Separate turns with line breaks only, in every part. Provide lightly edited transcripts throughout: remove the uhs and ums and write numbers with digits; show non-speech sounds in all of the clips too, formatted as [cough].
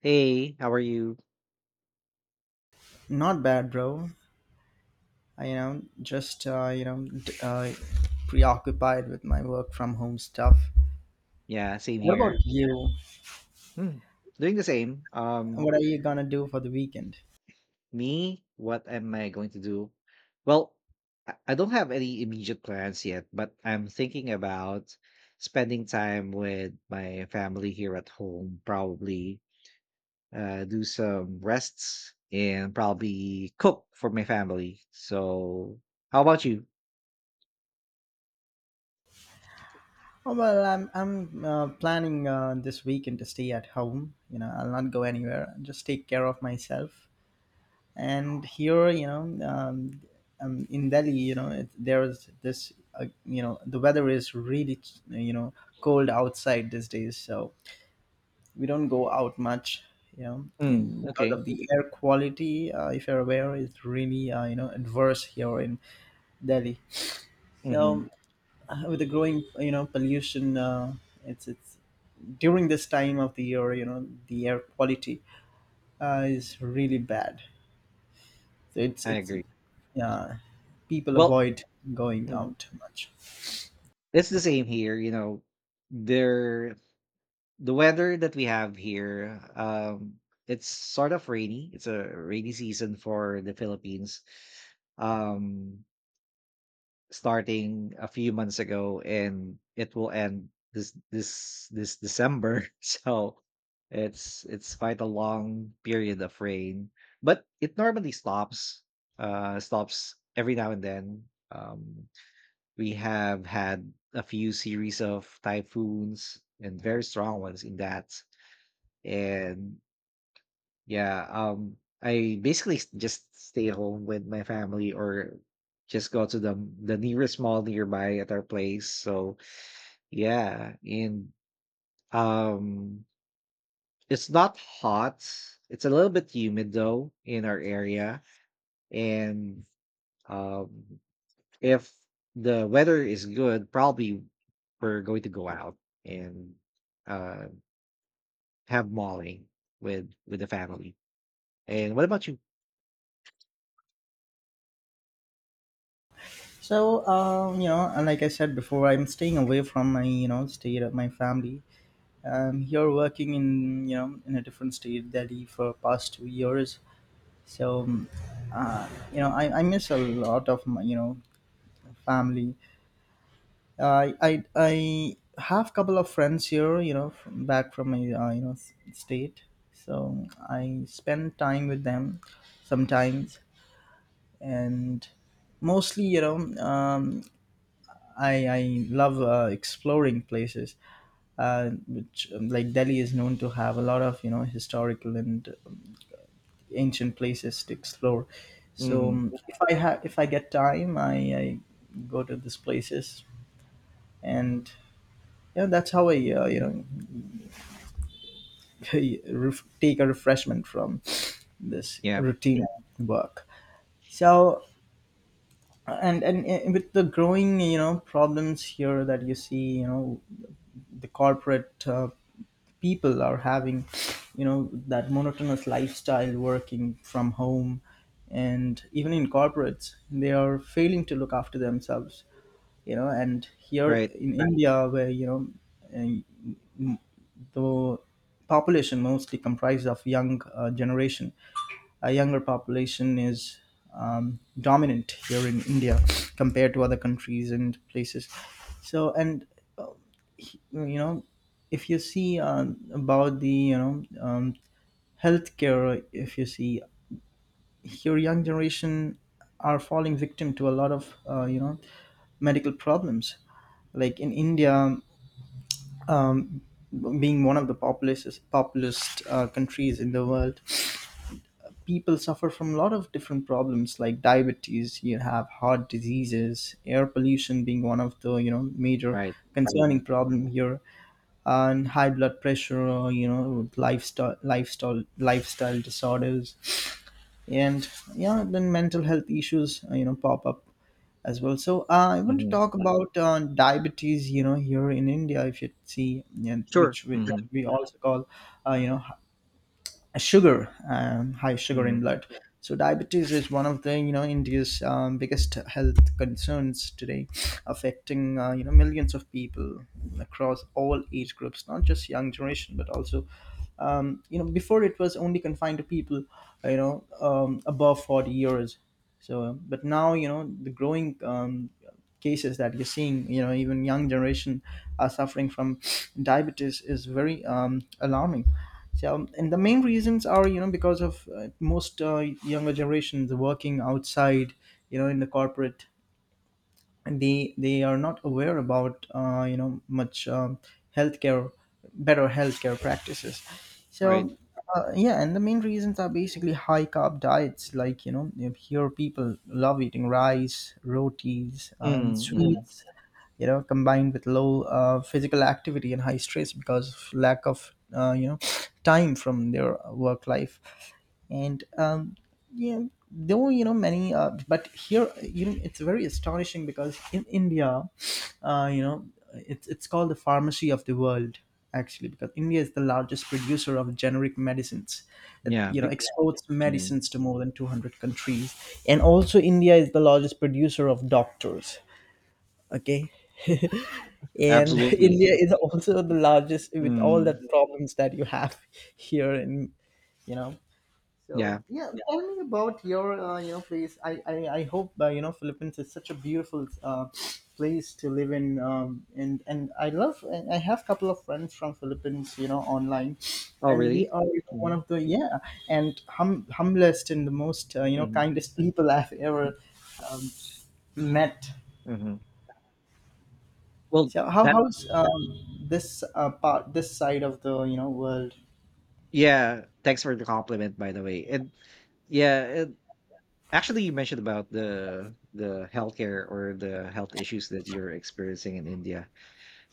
Hey, how are you?
Not bad, bro. I, just preoccupied with my work from home stuff.
Yeah, same
What
here.
about you?
Hmm, doing the same. Um,
What are you gonna do for the weekend?
me, what am I going to do? Well, I don't have any immediate plans yet, but I'm thinking about spending time with my family here at home, probably do some rests and probably cook for my family. So, how about you?
Oh well, I'm planning this weekend to stay at home. You know, I'll not go anywhere. I'll just take care of myself. And here, in Delhi, there is this. The weather is really you know cold outside these days. So we don't go out much
Mm,
and because
okay.
of the air quality if you're aware it's really adverse here in Delhi.
Mm-hmm.
So with the growing pollution, it's during this time of the year, the air quality is really bad. So
I
it's
agree.
uh, people
Well,
avoid going
mhm,
out much.
it's the same here. There the weather that we have here, it's sort of rainy. It's a rainy season for the Philippines, um, starting a few months ago, and it will end this December. [laughs] So it's quite a long period of rain, but it normally stops every now and then. Um, we have had a few series of typhoons and very strong ones in that. And yeah, I basically just stay home with my family or just go to the nearest mall nearby at our place. So yeah, and um, it's not hot. It's a little bit humid though in our area, and um, if the weather is good, probably we're going to go out and uh have mauling with the family. And what about you?
So um, you know and like I said before, I'm staying away from my, state, of my family. Here, working in, in a different state, Delhi, for past 2 years. So um, I miss a lot of my family. I have couple of friends here, from back from my s- state. So I spend time with them sometimes, and mostly, um, I love exploring places, which like Delhi is known to have a lot of historical and ancient places to explore.
Hmm.
If if I get time, I go to these places, and yeah, that's how I, [laughs] take a refreshment from this
Yeah,
routine work. So and with the growing, problems here that you see, you know, the corporate people are having, that monotonous lifestyle, working from home, and even in corporates they are failing to look after themselves, and here
right.
in India, where you know and the population mostly comprised of young generation. A younger population is dominant here in India, compared to other countries and places. So and uh, he- you know if you see, about the healthcare, if you see, your young generation are falling victim to a lot of medical problems, like in India, um, being one of the populous populist countries in the world. People suffer from a lot of different problems, like diabetes, you have heart diseases, air pollution being one of the major
Right.
concerning
Mhm,
problem here, and high blood pressure, lifestyle disorders, and yeah, then mental health issues pop up as well. So I want to
mhm.
talk about diabetes. You know, here in India, if you see,
Sure.
which
Mhm,
we also call, uh, you know sugar, high sugar in
mhm.
blood. So diabetes is one of the, India's biggest health concerns today, affecting millions of people across all age groups, not just young generation, but also, before it was only confined to people, above 40 years. But now, the growing cases that you're seeing, even young generation are suffering from diabetes, is very alarming. And the main reasons are, because of, most, younger generations working outside, in the corporate, they are not aware about, much, healthcare, better healthcare practices.
Right.
So yeah, and the main reasons are basically high carb diets, like here people love eating rice, rotis, and Mm.
Mm, mhm.
sweets, combined with low physical activity and high stress because of lack of, [sniffs] time from their work life. And Yeah, though you know many but here, it's very astonishing, because in India, uh, you know it's called the pharmacy of the world, actually, because India is the largest producer of generic medicines, it
Yeah, be
exports
mhm.
medicines to more than 200 countries. And also India is the largest producer of doctors, okay. And [laughs]
Absolutely.
India is also the largest, with all the
Mm,
problems that you have, [laughs] here in, you know
yeah.
so yeah. Yeah. Tell me about your, place. I hope, Philippines is such a beautiful place to live in, and I love, and I have a couple of friends from Philippines, online,
Oh,
and they
really?
are, you know, one
Mhm,
of the, yeah, and humblest and the most,
mhm,
kindest people I've
m
ever met.
mhm. Well,
So how
that
how's this, part, this side of the, world?
yeah, thanks for the compliment, by the way, and yeah, and actually you mentioned about the healthcare or the health issues that you're experiencing in India.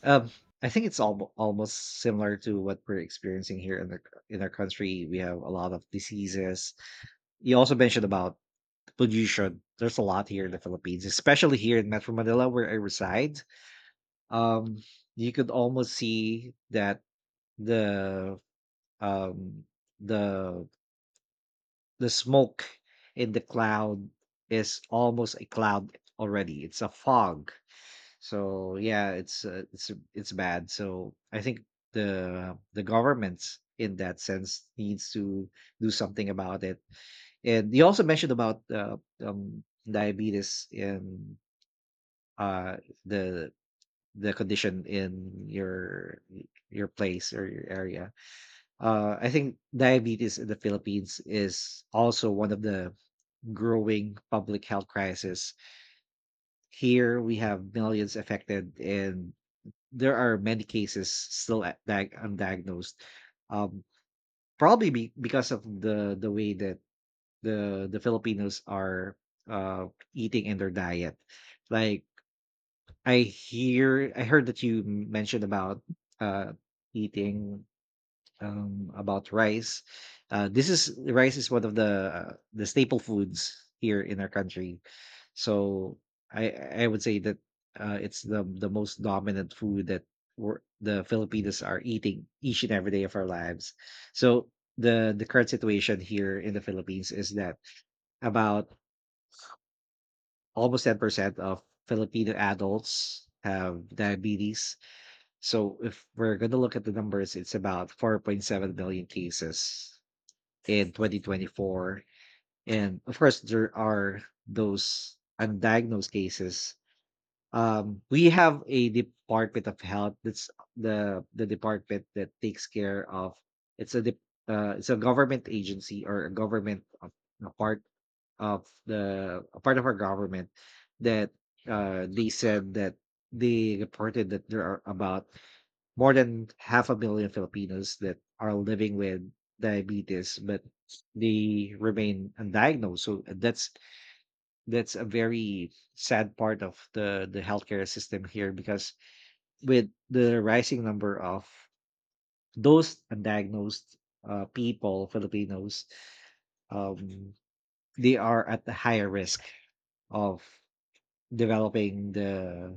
Um, I think it's almost similar to what we're experiencing here in the c in our country. We have a lot of diseases. You also mentioned about pollution. There's a lot here in the Philippines, especially here in Metro Manila where I reside. Um, you could almost see that the um the the smoke in the cloud is almost a cloud already. It's a fog. So yeah, it's bad. So I think the governments in that sense needs to do something about it. And you also mentioned about um, diabetes, in uh, the the condition in your place or your area. I think diabetes in the Philippines is also one of the growing public health crisis. Here we have millions affected, and there are many cases still undiagnosed. Um, probably because of the way that the Filipinos are uh eating in their diet. Like I heard that you mentioned about uh eating, about rice. This is Rice is one of the staple foods here in our country. So I I would say that it's the most dominant food that the Filipinos are eating each and every day of our lives. So the current situation here in the Philippines is that about almost 10% of Filipino adults have diabetes. So if we're going to look at the numbers, it's about 4.7 million cases in 2024. And of course, there are those undiagnosed cases. We have a Department of Health. That's the department that takes care of. It's a dep- it's a government agency or a government of, a part of the a part of our government that, they said, that they reported that there are about more than half a million Filipinos that are living with diabetes, but they remain undiagnosed. So that's a very sad part of the healthcare system here, because with the rising number of those undiagnosed, people, Filipinos, um, they are at a higher risk of developing the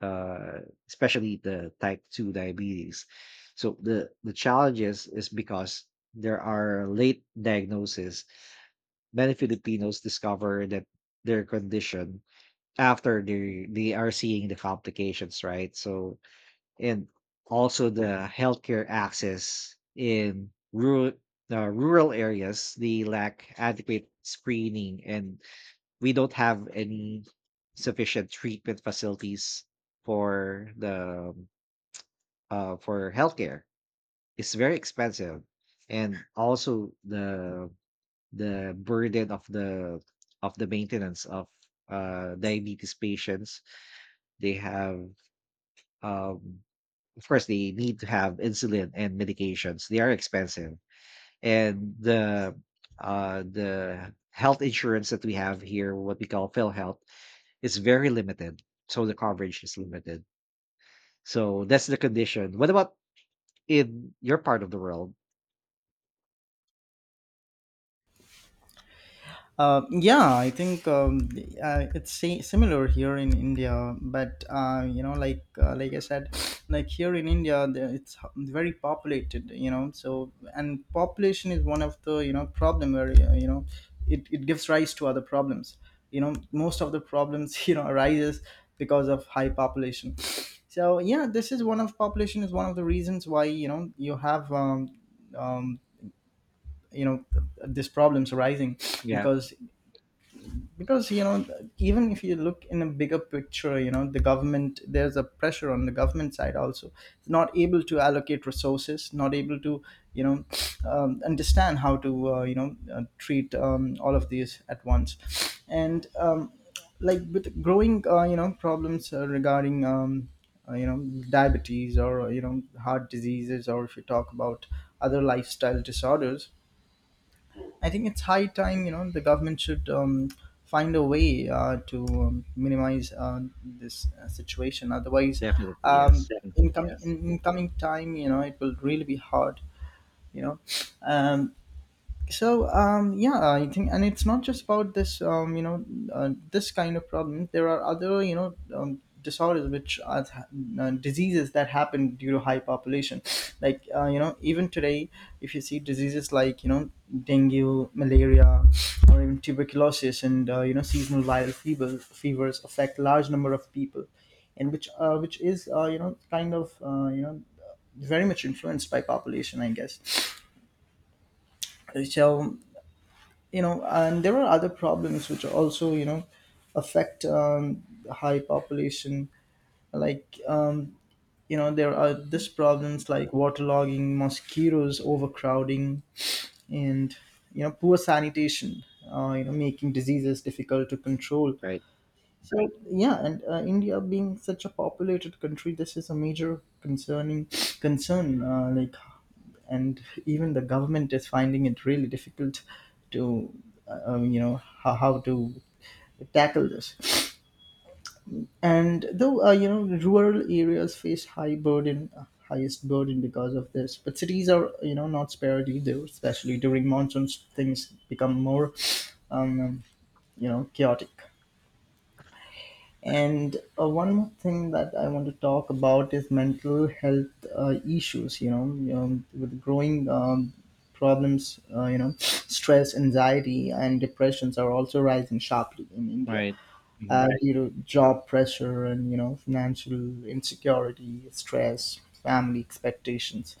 uh, especially the type 2 diabetes. So the challenges is because there are late diagnoses. Many Filipinos discover that their condition after they are seeing the complications, right? So, and also the healthcare access in rural areas, they lack adequate screening, and we don't have any sufficient treatment facilities for the for healthcare. It's very expensive. And also the burden of the maintenance of diabetes patients, they have, um, of course, they need to have insulin and medications, they are expensive. And the health insurance that we have here, what we call PhilHealth, is very limited. So the coverage is limited. So that's the condition. What about in your part of the world?
Yeah, I think it's similar here in India, but you know, like I said, like here in India, it's very populated. You know, so and population is one of the, problem area. You know, it gives rise to other problems. You know, most of the problems [laughs] arises because of high population. So yeah, this is one of population is one of the reasons why, you have, um, you know this problems arising,
Yeah,
because because, you know, even if you look in a bigger picture, you know, the government, there's a pressure on the government side also, it's not able to allocate resources, not able to, you know understand how to, treat, all of these at once. And Like, with growing, problems, regarding, uh, you know diabetes, or, heart diseases, or if you talk about other lifestyle disorders, I think it's high time, you know, the government should, find a way to minimize this situation. Otherwise,
definitely, yes.
Yeah.
Hmm.
Yes. In coming time, you know, it will really be hard, you know. Um, so yeah, I think, and it's not just about this, this kind of problem. There are other, disorders which are diseases that happen due to high population. Like, even today, if you see diseases like, dengue, malaria, or even tuberculosis, and, seasonal viral fevers, affect large number of people, and which is, very much influenced by population, I guess. So, you know, and there are other problems which also, you know, affect, high population. Like, there are these problems like waterlogging, mosquitoes, overcrowding, and, you know, poor sanitation, making diseases difficult to control.
Right.
So yeah, and India being such a populated country, this is a major concern, like, and even the government is finding it really difficult to, how to tackle this. And though, rural areas face highest burden because of this, but cities are, you know, not spared either, especially during monsoons, things become more, um, chaotic. And one more thing that I want to talk about is mental health issues. You know, with growing problems, you know, stress, anxiety, and depressions are also rising sharply in India.
Right. Hmm.
Right. You know, job pressure, and you know, financial insecurity, stress, family expectations.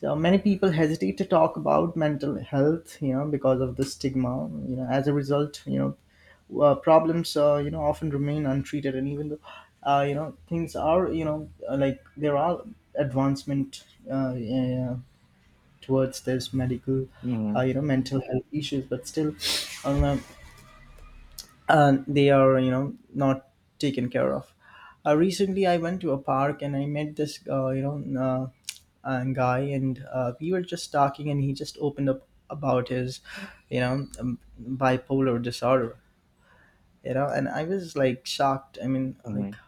So many people hesitate to talk about mental health, you know, because of the stigma. You know, as a result, you know, Problems often remain untreated, and even though things are like there are advancement uh, uh, towards this medical
Hmm.
mental health issues, but still um, they are not taken care of. Recently, I went to a park and I met this guy, and we were just talking, and he just opened up about his you know um, bipolar disorder. And I was like shocked, I mean, like,
Hmm.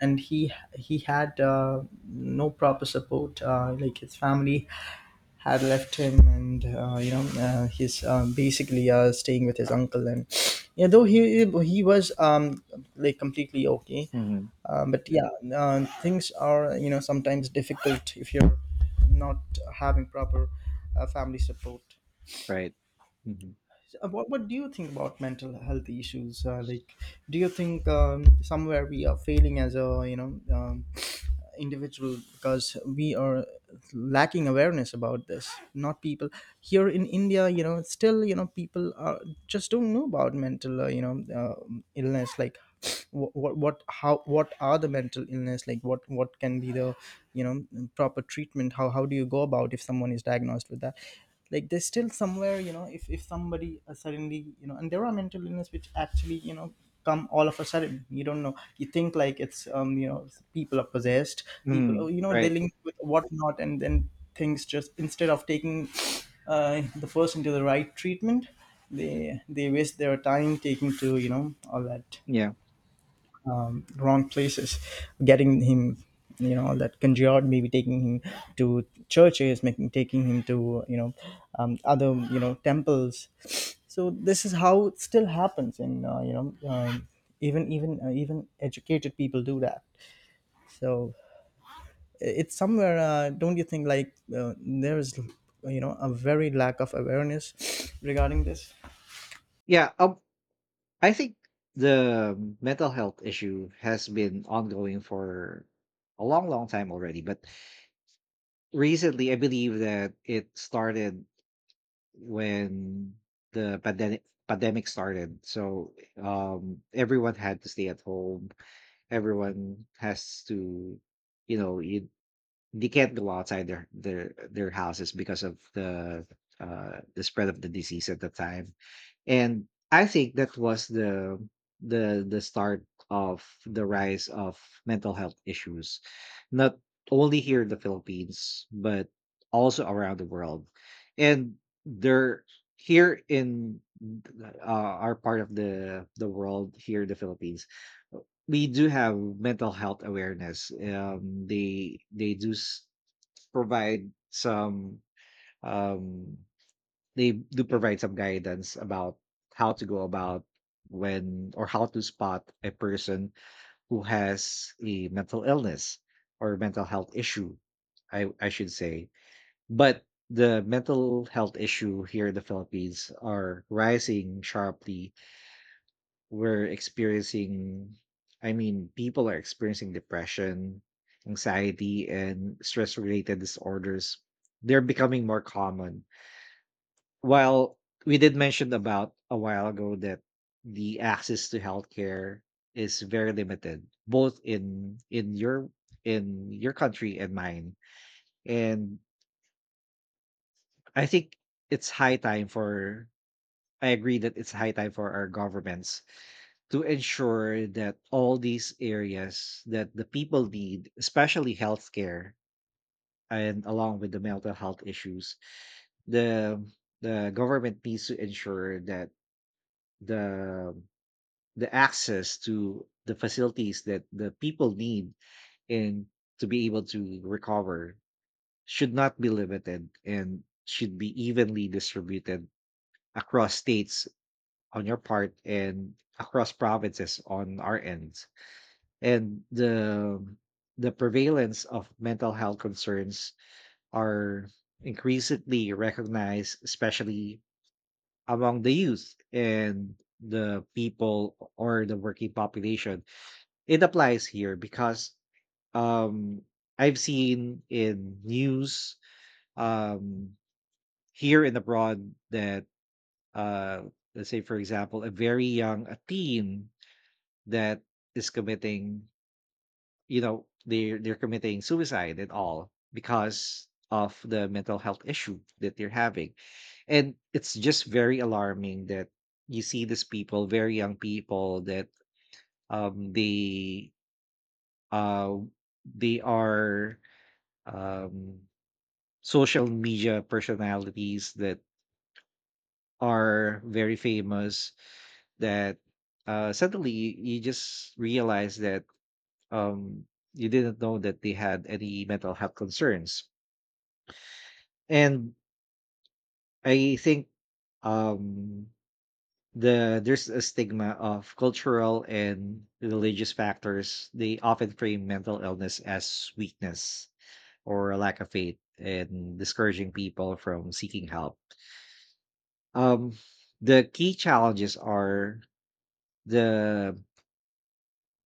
and he had no proper support, like his family had left him, and he's basically staying with his uncle. And yeah, though he was like completely okay.
Hmm.
But yeah, things are sometimes difficult if you're not having proper family support.
Right. Hmm.
So, what do you think about mental health issues, like do you think somewhere we are failing as a individual, because we are lacking awareness about this? Not people here in India, still, people are just don't know about mental uh, illness. Like what are the mental illness, like what can be the you know proper treatment, how do you go about if someone is diagnosed with that? Like there's still somewhere, if somebody suddenly, and there are mental illness which actually, come all of a sudden, you don't know, you think like it's people are possessed. People,
Hmm.
oh, they
Right.
link with whatnot, and then things just, instead of taking the person to the right treatment, they waste their time taking to, all that
Yeah,
wrong places, getting him, that conjured, maybe taking him to churches, making taking him to, other, temples. So this is how it still happens. And even educated people do that. So it's somewhere, don't you think? Like there is, a very lack of awareness regarding this.
yeah, I think the, mental health issue has been ongoing for a long, long time already. But recently, I believe that it started when the pandemic started. So everyone had to stay at home. Everyone has to, you know, you they can't go outside their houses because of the spread of the disease at the time. And I think that was the start of the rise of mental health issues, not only here in the Philippines, but also around the world. And they're here in, our part of the world, here in the Philippines. We do have mental health awareness. They do provide some. Um they do provide some guidance about how to go about, when or how to spot a person who has a mental illness or mental health issue, I should say. But the mental health issue here in the Philippines are rising sharply. We're experiencing, I mean, people are experiencing depression, anxiety, and stress related disorders. They're becoming more common. Well, we did mention about a while ago that the access to healthcare is very limited, both in your country and mine. And I think it's high time for, I agree that it's high time for our governments to ensure that all these areas that the people need, especially healthcare, and along with the mental health issues, the the government needs to ensure that the the access to the facilities that the people need, and to be able to recover, should not be limited and should be evenly distributed across states on your part and across provinces on our end. And the prevalence of mental health concerns are increasingly recognized, especially among the youth and the people or the working population. It applies here because um I've seen in news, um here and abroad, that uh let's say, for example, a very young a teen that is committing, they're committing suicide, and all because of the mental health issue that they're having. And it's just very alarming that you see these people, very young people, that um they uh they are, um, social media personalities that are very famous, that suddenly you just realize that, um, you didn't know that they had any mental health concerns. And I think, um, there's a stigma of cultural and religious factors. They often frame mental illness as weakness or a lack of faith, and discouraging people from seeking help. Um the key challenges are the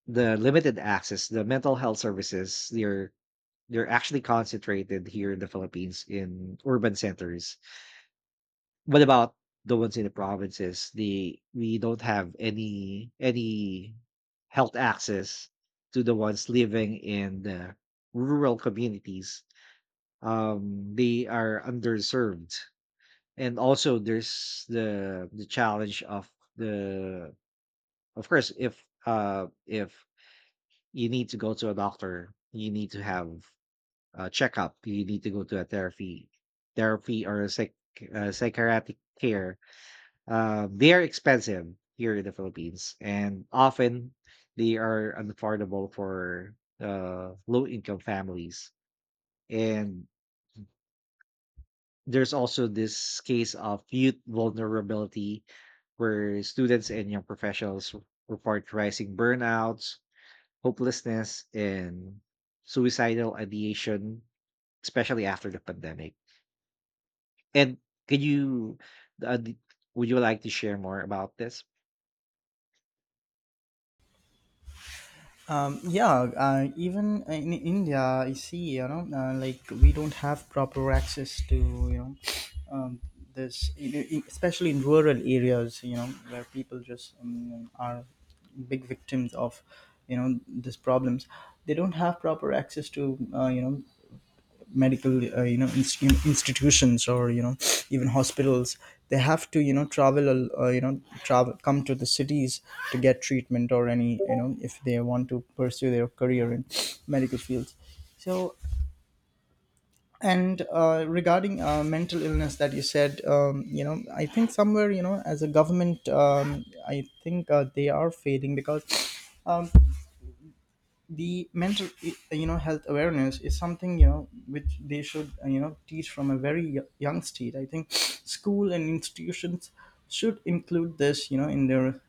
the limited access, the mental health services. They're actually concentrated here in the Philippines in urban centers. What about the ones in the provinces? The We don't have any health access to the ones living in the rural communities. They are underserved. And also there's the challenge of the. Of course, if you need to go to a doctor, you need to have a checkup. You need to go to a therapy or a psychiatric care. They are expensive here in the Philippines, and often they are unaffordable for low-income families. And there's also this case of youth vulnerability, where students and young professionals report rising burnouts, hopelessness, and suicidal ideation, especially after the pandemic. And could uh, d- would you like to share more about this?
Yeah, even in India, I see, like we don't have proper access to, um, this, especially in rural areas, where people just are big victims of, these problems. They don't have proper access to, medical, institutions or even hospitals. They have to, travel, travel, come to the cities to get treatment, or any, if they want to pursue their career in medical fields. So, and regarding mental illness that you said, I think somewhere, as a government, I think they are failing because um, the mental, health awareness is something, which they should teach from a very young state. I think school and institutions should include this, in their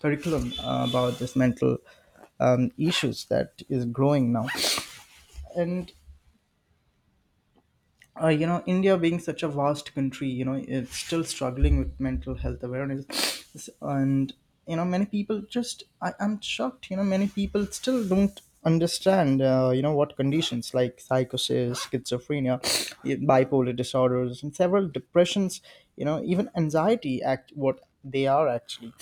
curriculum, about this mental, issues that is growing now. And India being such a vast country, it's still struggling with mental health awareness. And many people just, I'm shocked, many people still don't understand what conditions like psychosis, schizophrenia, bipolar disorders and several depressions, even anxiety act, what they are actually.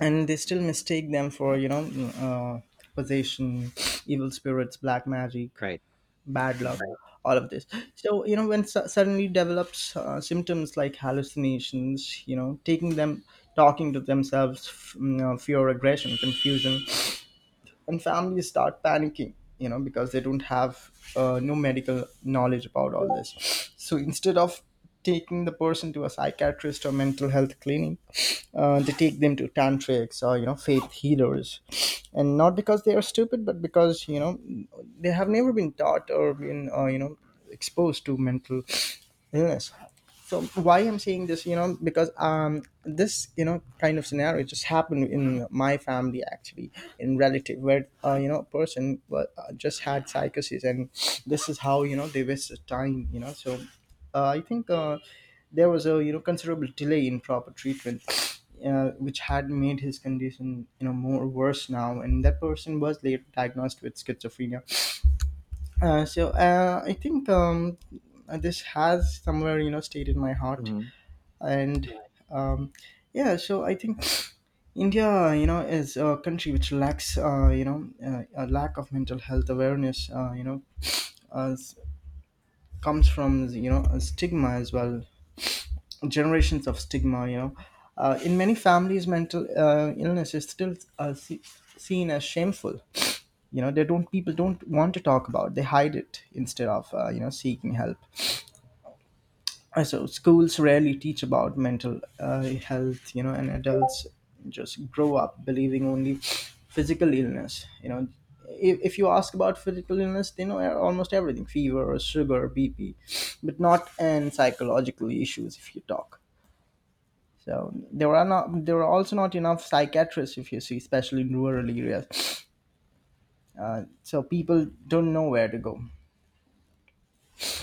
And they still mistake them for, uh, possession, evil spirits, black magic,
Right.
bad luck,
Hmm.
all of this. So when suddenly develops symptoms like hallucinations, taking them, talking to themselves, fear, aggression, confusion, and families start panicking, because they don't have no medical knowledge about all this. So instead of taking the person to a psychiatrist or mental health clinic, they take them to tantrics or faith healers. And not because they are stupid, but because, they have never been taught or been exposed to mental illness. So why I'm saying this, because this, kind of scenario just happened in my family actually, in relative, where person just had psychosis. And this is how, they wasted time, I think there was a, considerable delay in proper treatment, which had made his condition, more worse now. And that person was later diagnosed with schizophrenia. So I think this has somewhere, stayed in my heart.
Hmm.
And um, yeah, so I think India, is a country which lacks a lack of mental health awareness, as comes from, a stigma as well, generations of stigma. In many families, mental illness is still seen as shameful. They don't, people don't want to talk about, they hide it instead of seeking help. So schools rarely teach about mental health, and adults just grow up believing only physical illness, if you ask about physical illness, they know almost everything, fever, sugar, BP, but not and psychological issues, if you talk. So there are also not enough psychiatrists if you see, especially in rural areas. So people don't know where to go.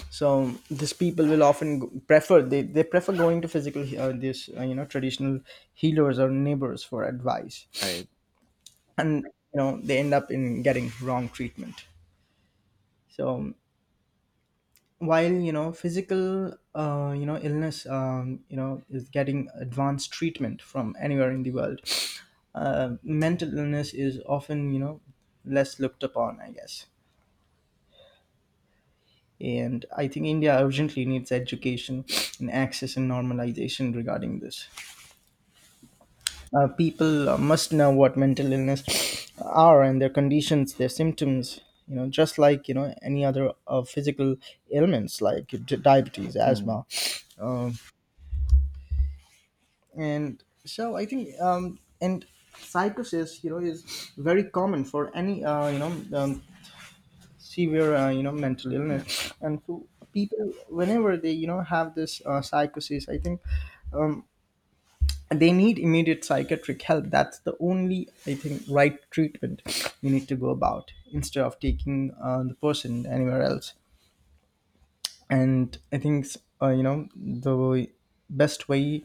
So these people will often, prefer, they prefer going to physical, this you know traditional healers or neighbors for advice.
Right.
And, they end up in getting wrong treatment. So while, physical illness, is getting advanced treatment from anywhere in the world, mental illness is often, less looked upon, I guess. And I think India urgently needs education and access and normalization regarding this. People must know what mental illness are and their conditions, their symptoms. Just like, any other physical ailments like diabetes,
Hmm.
asthma, um, and so I think, and psychosis, is very common for any um, severe mental
Yeah.
illness. And so people, whenever they, have this psychosis, I think. Um, they need immediate psychiatric help. That's the only, I think, right treatment you need to go about, instead of taking the person anywhere else. And I think the best way,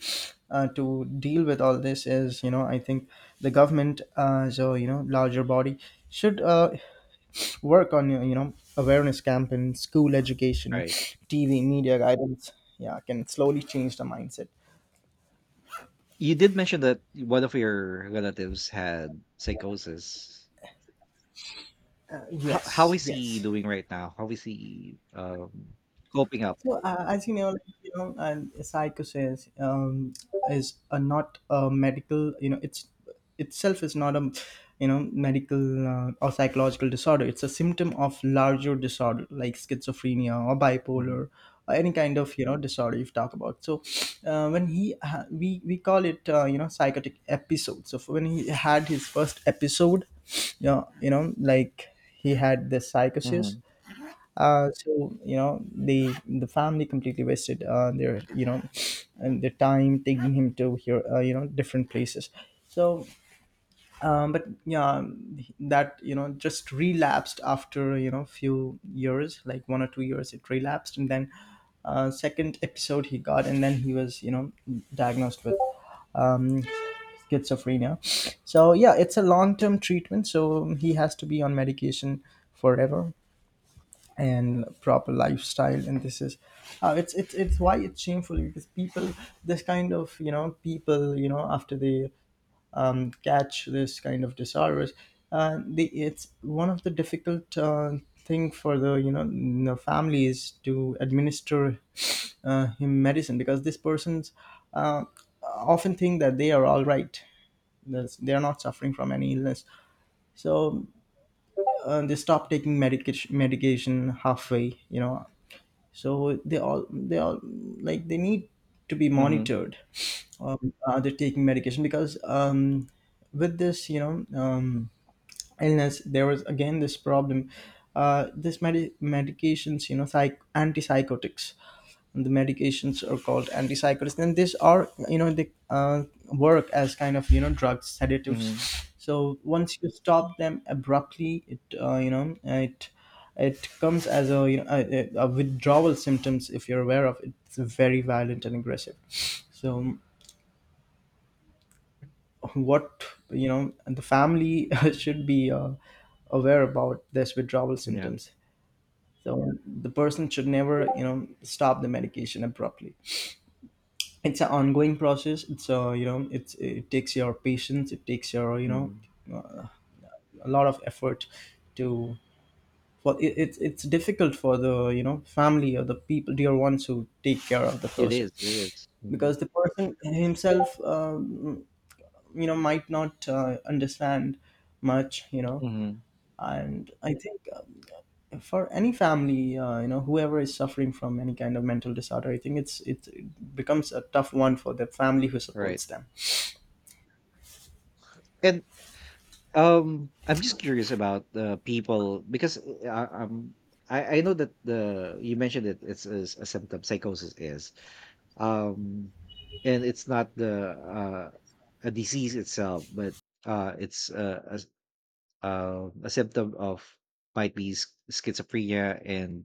to deal with all this is, I think the government, so, larger body, should work on, awareness campaigns, school education,
Right.
TV media guidance. Yeah, can slowly change the mindset.
You did mention that one of your relatives had psychosis. How
Yes,
is he
yes.
doing right now? How is he coping up?
So, as you know, like, and psychosis, is a not a medical. It's itself is not a, medical or psychological disorder. It's a symptom of larger disorder like schizophrenia or
Hmm.
bipolar or any kind of, disorder you've talked about. So, we call it psychotic episode. So when he had his first episode, yeah, like he had this psychosis.
Hmm.
uh, so you know the family completely wasted their, and their time taking him to here, different places. So but yeah, that, just relapsed after, few years, like 1 or 2 years it relapsed. And then second episode he got, and then he was, diagnosed with um, schizophrenia. So yeah, it's a long-term treatment. So he has to be on medication forever, and proper lifestyle. And this is it's why it's shameful, because people, this kind of, people, after they catch this kind of disorders, they, it's one of the difficult thing for the, the families to administer him medicine, because this person's, uh, often think that they are all right. They are not suffering from any illness. So they stop taking medication halfway. So they all like, they need to be
Hmm.
monitored. Are they taking medication? Because with this, um, illness, there was again this problem. This medications, antipsychotics, the medications are called antipsychotics, and these are, they work as kind of, drugs, sedatives.
Hmm.
So once you stop them abruptly, it you know it comes as a, a withdrawal symptoms, if you're aware of it. It's very violent and aggressive. So what you know And the family [laughs] should be aware about this withdrawal
Yeah.
symptoms. So the person should never stop the medication abruptly. It's an ongoing process. It's you know it's it takes your patience, it takes your
Hmm.
uh, a lot of effort to for it. It's difficult for the family or the people, dear ones, who take care of the
It
person,
is. It is. Mhm.
because the person himself might not understand much.
Mhm.
And I think for any family, whoever is suffering from any kind of mental disorder, I think it becomes a tough one for the family who
Right.
supports them.
And, I'm just curious about the people because I know that the you mentioned it. Is a symptom. Psychosis is, um, and it's not the a disease itself, but it's a symptom of, might be schizophrenia and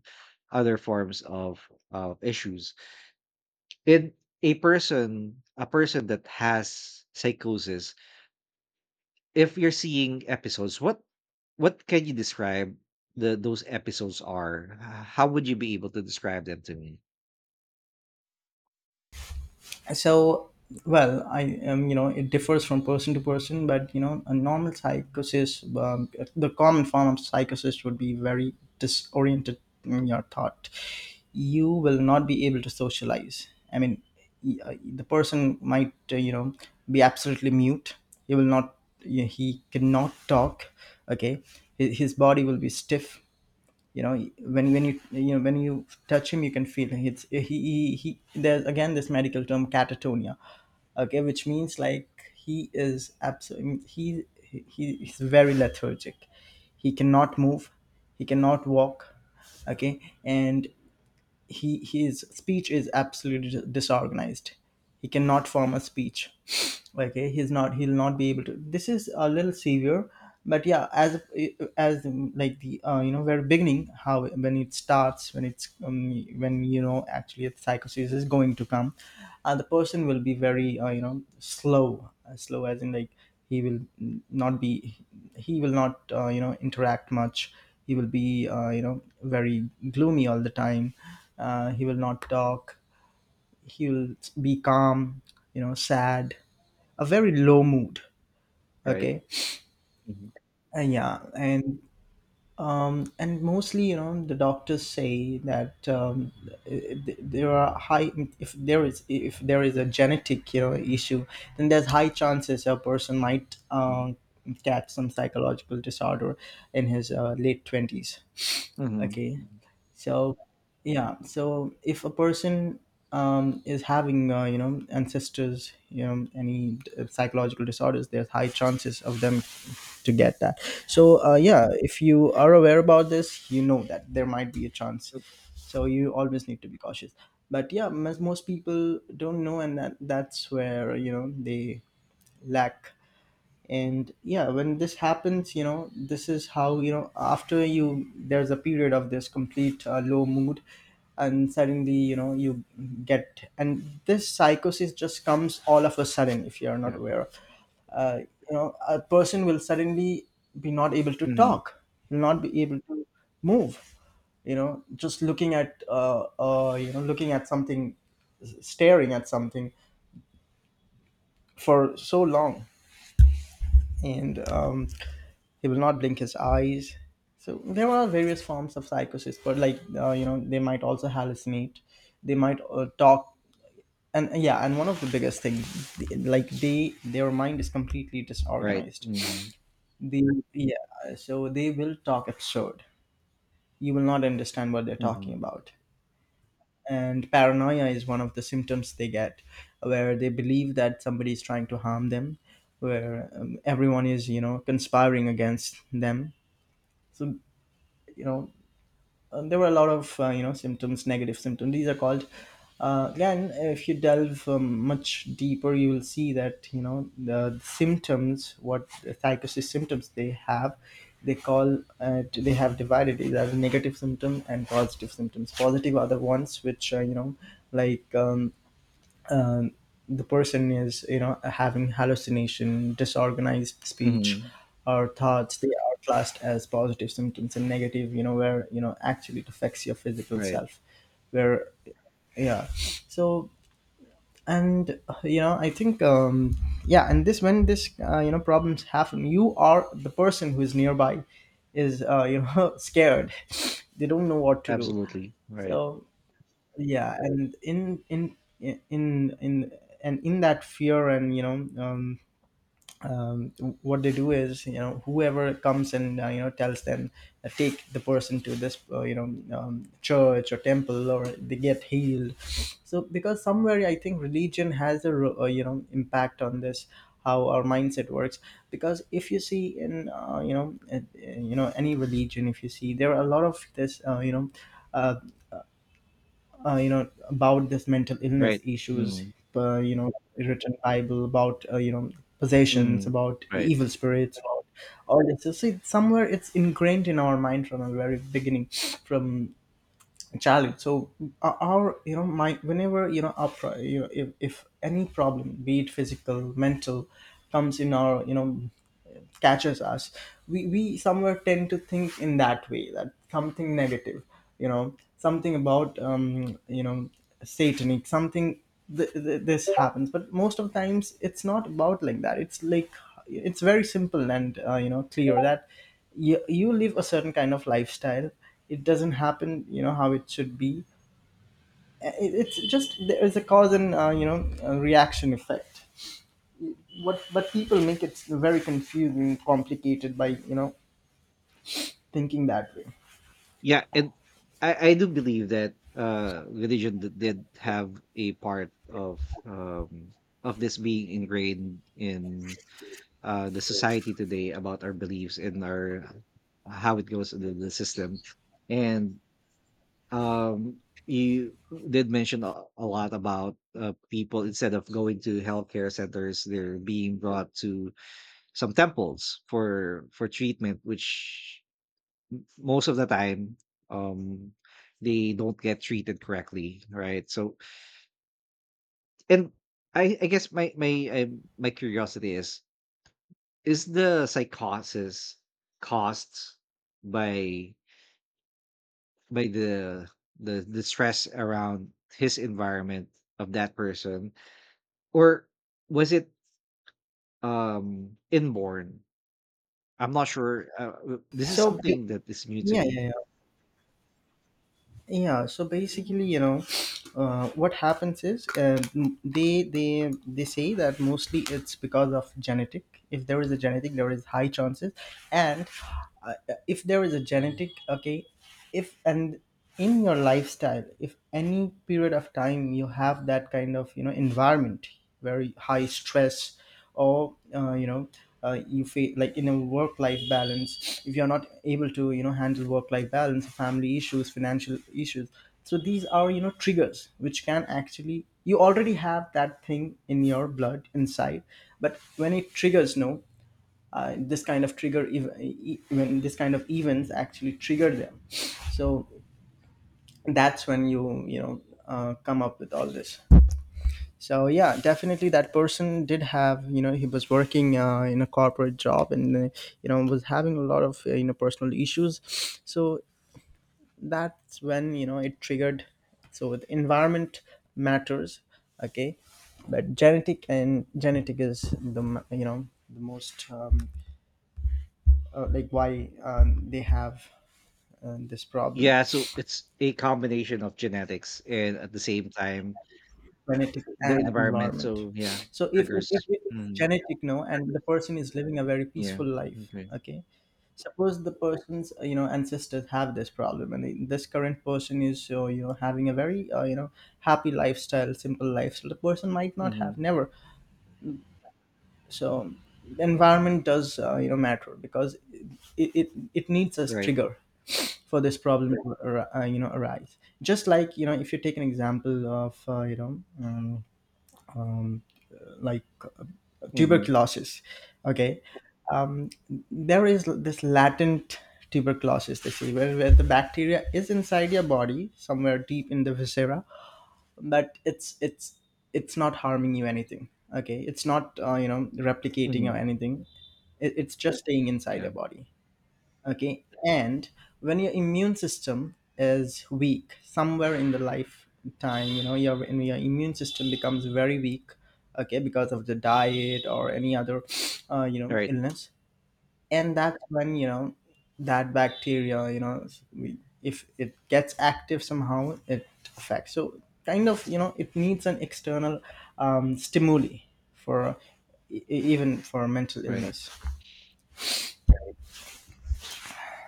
other forms of issues. And a person that has psychosis. If you're seeing episodes, what can you describe the those episodes are? How would you be able to describe them to me?
So well, I it differs from person to person, but you know, a normal psychosis, the common form of psychosis would be very disoriented in your thought. You will not be able to socialize, I mean, the person might be absolutely mute. He will not he cannot talk. Okay. His body will be stiff. You know, when you, you know when you touch him, you can feel it's he. There's again this medical term, catatonia. Okay, which means like he is absolutely, he is very lethargic. He cannot move, he cannot walk. Okay, and he his speech is absolutely disorganized. He cannot form a speech. [sniffs] Okay, he'll not be able to. This is a little severe. But yeah, as like the very beginning, how when it starts, when it's when you know actually the psychosis is going to come, the person will be very slow, slow as in like he will not be he will not interact much. He will be very gloomy all the time. He will not talk, he will be calm, you know, sad, a very low mood.
Right?
Okay.
Mhm,
Yeah. And and mostly, you know, the doctors say that there are high, if there is, a genetic, you know, issue, then there's high chances a person might
mhm,
catch some psychological disorder in his late 20s.
mhm,
Okay.
mhm,
So, yeah. So if a person is having, ancestors, you know, any psychological disorders, there's high chances of them to
mhm.
get that. So, yeah, if you are aware about this, you know that there might be a chance.
Yep.
So you always need to be cautious. But yeah, most people don't know, and that's where, you know, they lack. And yeah, when this happens, you know, this is how, you know, after you, there's a period of this complete low mood, and suddenly, you know, you get, and this psychosis just comes all of a sudden if you are not
Yeah.
aware of. uh, you know, a person will suddenly be not able to
Mhm.
talk, will not be able to move, you know, just looking at looking at something, staring at something for so long, and he will not blink his eyes. So there are various forms of psychosis, but like, they might also hallucinate. They might talk, and yeah, and one of the biggest things, like, they their mind is completely
Right.
disorganized.
Mhm,
They Yeah, so they will talk absurd. You will not understand what they're talking
mhm,
about. And paranoia is one of the symptoms they get, where they believe that somebody is trying to harm them, where everyone is, you know, conspiring against them. So, you know, there were a lot of symptoms, negative symptoms, these are called. Again, if you delve much deeper, you will see that, you know, the symptoms, what psychosis symptoms they have, they have divided it as negative symptom and positive symptoms. Positive are the ones which like um, the person is, you know, having hallucination, disorganized speech
mhm.
or thoughts, they are classed as positive symptoms, and negative, you know, where, you know, actually it affects your physical
Right.
self, where, yeah. So, and I think yeah, and this, when this problems happen, you are the person who is nearby is [laughs] scared. They don't know what to do.
Absolutely. Right.
So yeah, and in in that fear, and, you know, um, um, what they do is, you know, whoever comes and tells them, take the person to this church or temple, or they get healed. So, because somewhere I think religion has a impact on this, how our mindset works. Because if you see in, any religion, if you see, there are a lot of this uh, about this mental illness
Right.
issues,
Mhm,
uh, you know written Bible, about possessions,
mhm.
about
Right.
evil spirits, about all this. So see, somewhere it's ingrained in our mind from a very beginning, from childhood. So our, you know mind, whenever, you know, if, any problem, be it physical, mental, comes in our, you know, catches us, we somewhere tend to think in that way, that something negative, you know, something about, satanic something, this happens. But most of the times, it's not about like that. It's like, it's very simple and clear that you live a certain kind of lifestyle, it doesn't happen, you know, how it should be. It's just there is a cause and, a reaction effect. What, but people make it very confusing, complicated by, you know, thinking that way.
Yeah, and I do believe that religion did have a part of this being ingrained in, the society today, about our beliefs and, our how it goes in the system. And um, you did mention a lot about people instead of going to healthcare centers, they're being brought to some temples for treatment, which most of the time, um, they don't get treated correctly, right? So, and I guess my my curiosity is the psychosis caused by by the stress around his environment of that person, or was it inborn? I'm not sure. This is
So ba-
something that is new to
yeah, yeah,
me.
yeah. Yeah, so basically, you know, what happens is m- they say that mostly it's because of genetic. If there is a genetic, there is high chances, and uh, if there is a genetic, okay, if and in your lifestyle, if any period of time you have that kind of, you know, environment, very high stress, or you feel like in a work life balance, if you're not able to, you know, handle work life balance, family issues, financial issues. So these are, you know, triggers which can actually, you already have that thing in your blood inside, but when it triggers, no, this kind of trigger, when this kind of events actually trigger them. So that's when you know, come up with all this. So yeah, definitely that person did have, you know, he was working in a corporate job, and was having a lot of personal issues. So that's when, you know, it triggered. So the environment matters, okay. But genetic, and genetic is the the most like why they have this problem.
Yeah, so it's a combination of genetics and at the same time
Genetic
the
and
environment.
environment.
So yeah,
So if, if
triggers.
it's
Mm,
genetic, no, and the person is living a very
yeah.
peaceful life,
Okay.
okay, suppose the person's ancestors have this problem, and this current person is having a very happy lifestyle, simple lifestyle, the person might not have,
Hmm.
never. So the environment does matter, because it needs a
Right.
trigger for this problem to arise, just like, you know, if you take an example of, um, like
Hmm.
tuberculosis. Okay. um, there is this latent tuberculosis disease, where, the bacteria is inside your body somewhere deep in the viscera, but it's not harming you anything. Okay, it's not, replicating or
Hmm.
anything. It's just staying inside
Yeah.
your body. Okay. And when your immune system is weak somewhere in the lifetime, you know, your, when your immune system becomes very weak, okay, because of the diet or any other
Right.
illness, and that's when, you know, that bacteria, you know, if it gets active somehow, it affects. So kind of, you know, it needs an external stimuli for, even for mental
Right.
illness.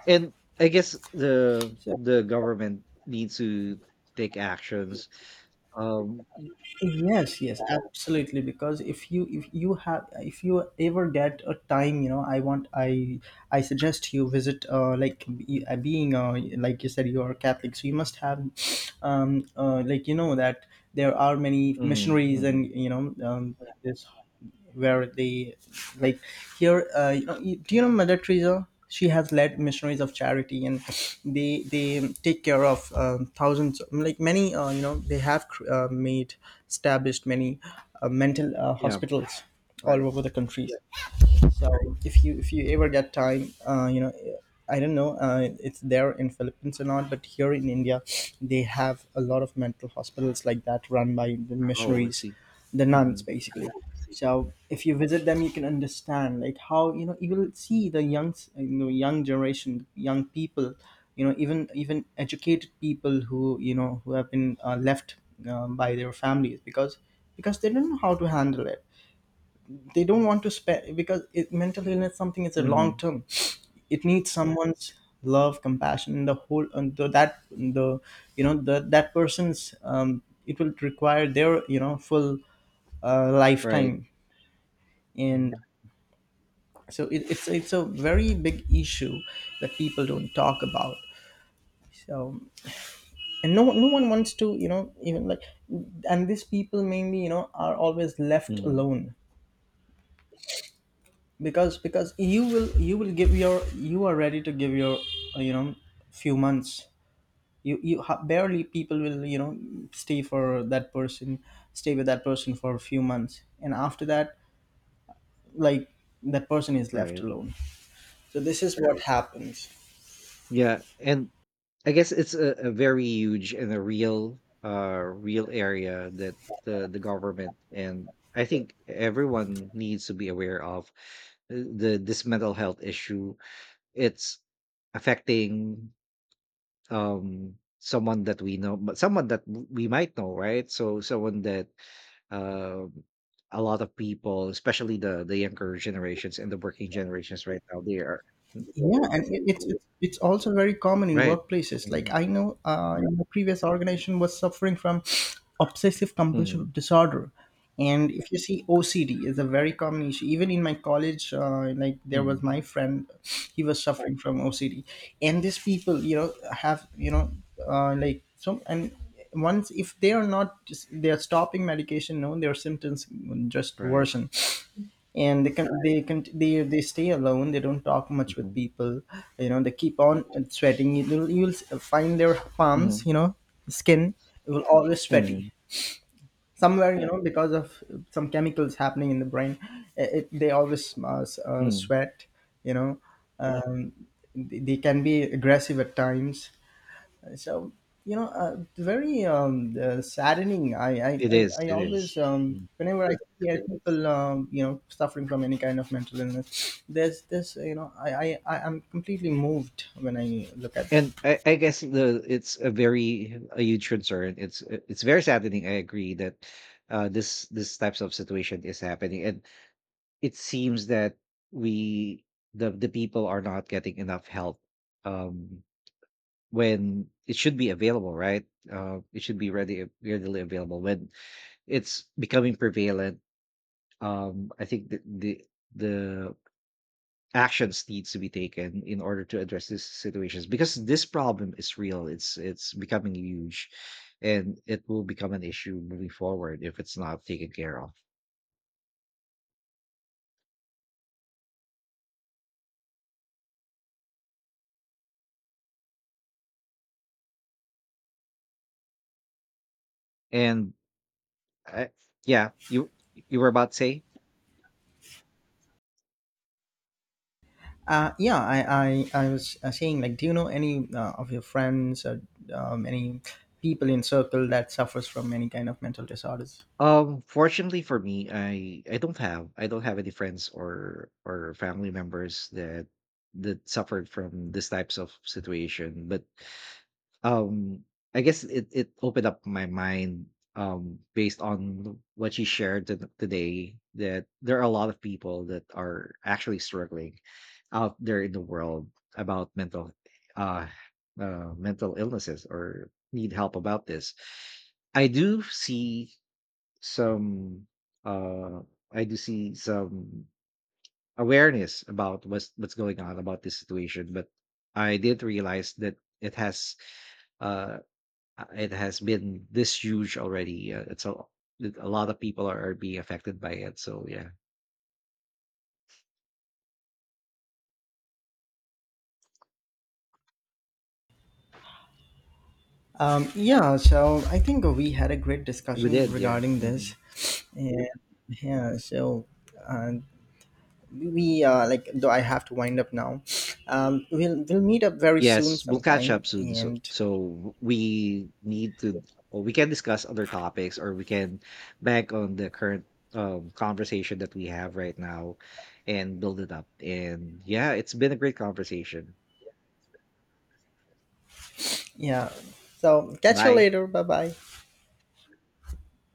And I guess the
So,
the government needs to take actions. Um,
yes, yes, absolutely. Because if you, if you have if you ever get a time, you know, I want I suggest you visit, being, like you said, you are Catholic, so you must have like, you know that there are many
mhm,
missionaries, and
mhm.
you know, this, where they, like, here, do you know Mother Teresa? She has led Missionaries of Charity, and they take care of thousands, like many, they have cr- made established many mental
Yeah,
hospitals all
right.
over the country. So if you, if you ever get time, I don't know, it's there in Philippines or not, but here in India, they have a lot of mental hospitals like that run by the
Oh, I
missionaries,
see.
the
Hmm.
nuns basically. So if you visit them, you can understand like how, you know, you will see the young, you know, young generation, young people, you know, even, educated people, who, you know, who have been left by their families, because, they don't know how to handle it. They don't want to spend, because it, mental illness, something is a long
Hmm.
term. It needs someone's love, compassion, and the whole, and the, that the you know, the, that person's, it will require their, you know, full
Right.
lifetime. And
Hmm.
so it's a very big issue that people don't talk about. So, and no one wants to, you know, even like, and these people mainly, you know, are always left
Hmm.
alone, because, you will, you will give your, you are ready to give your, uh, you know few months. Barely people will, you know, stay for that person, stay with that person for a few months, and after that, like, that person is left
Right.
alone. So this is what happens.
Yeah, and I guess it's a very huge and a real area that the government, and I think everyone, needs to be aware of, the this mental health issue. It's affecting someone that we know, but someone that we might know, right? So someone that, um a lot of people, especially the younger generations and the working generations right now, they are
Yeah, and it's also very common in
right.
workplaces.
Mhm.
Like, I know, in my previous organization was suffering from [sniffs] obsessive
Mhm.
compulsive disorder. And if you see, OCD is a very common issue. Even in my college, like, there was
Mhm.
my friend, he was suffering from OCD. And these people, you know, have, you know, like so and once, if they are not just, they are stopping medication, no, their symptoms just
Right.
worsen. And they stay alone, they don't talk much with
Mhm.
people, you know. They keep on sweating, you'll find their palms,
Mhm.
you know, skin will always sweaty,
Mhm.
somewhere, you know, because of some chemicals happening in the brain. They always
Mhm.
sweat, you know. um, they, can be aggressive at times. So, you know, very saddening. I, I
It
i
is.
i
It is.
always,
Mhm.
whenever I hear people, suffering from any kind of mental illness, there's this, you know, I am completely moved when I look at them.
And I guess, the it's a huge concern. It's very saddening. I agree that, this types of situation is happening, and it seems that we the people are not getting enough help um when it should be available, right? It should be ready readily available when it's becoming prevalent. I think the, the actions needs to be taken in order to address these situations, because this problem is real. It's becoming huge, and it will become an issue moving forward if it's not taken care of. And, I, yeah, you were about to say.
Yeah, I was saying, like, do you know any of your friends or any people in circle that suffers from any kind of mental disorders?
Fortunately for me, I don't have, I don't have any friends or family members that suffered from these types of situation. But um, I guess it opened up my mind based on what you shared today, that there are a lot of people that are actually struggling out there in the world about uh mental illnesses or need help about this. I do see some, uh I do see some awareness about what's going on about this situation, but I did realize that it has uh it has been this huge already. It's a That a lot of people are being affected by it. So yeah,
Yeah, so I think we had a great
we
discussion
did. Yeah.
regarding
Mhm.
this. Yeah, yeah. So, uh, we like, though I have to wind up now, we'll meet up very soon
Yes, we'll catch
sometime.
up soon. So,
And
we need to, or we can discuss other topics, or we can back on the current, conversation that we have right now, and build it up. And yeah, it's been a great conversation.
yeah, so catch you
Bye.
later, bye bye.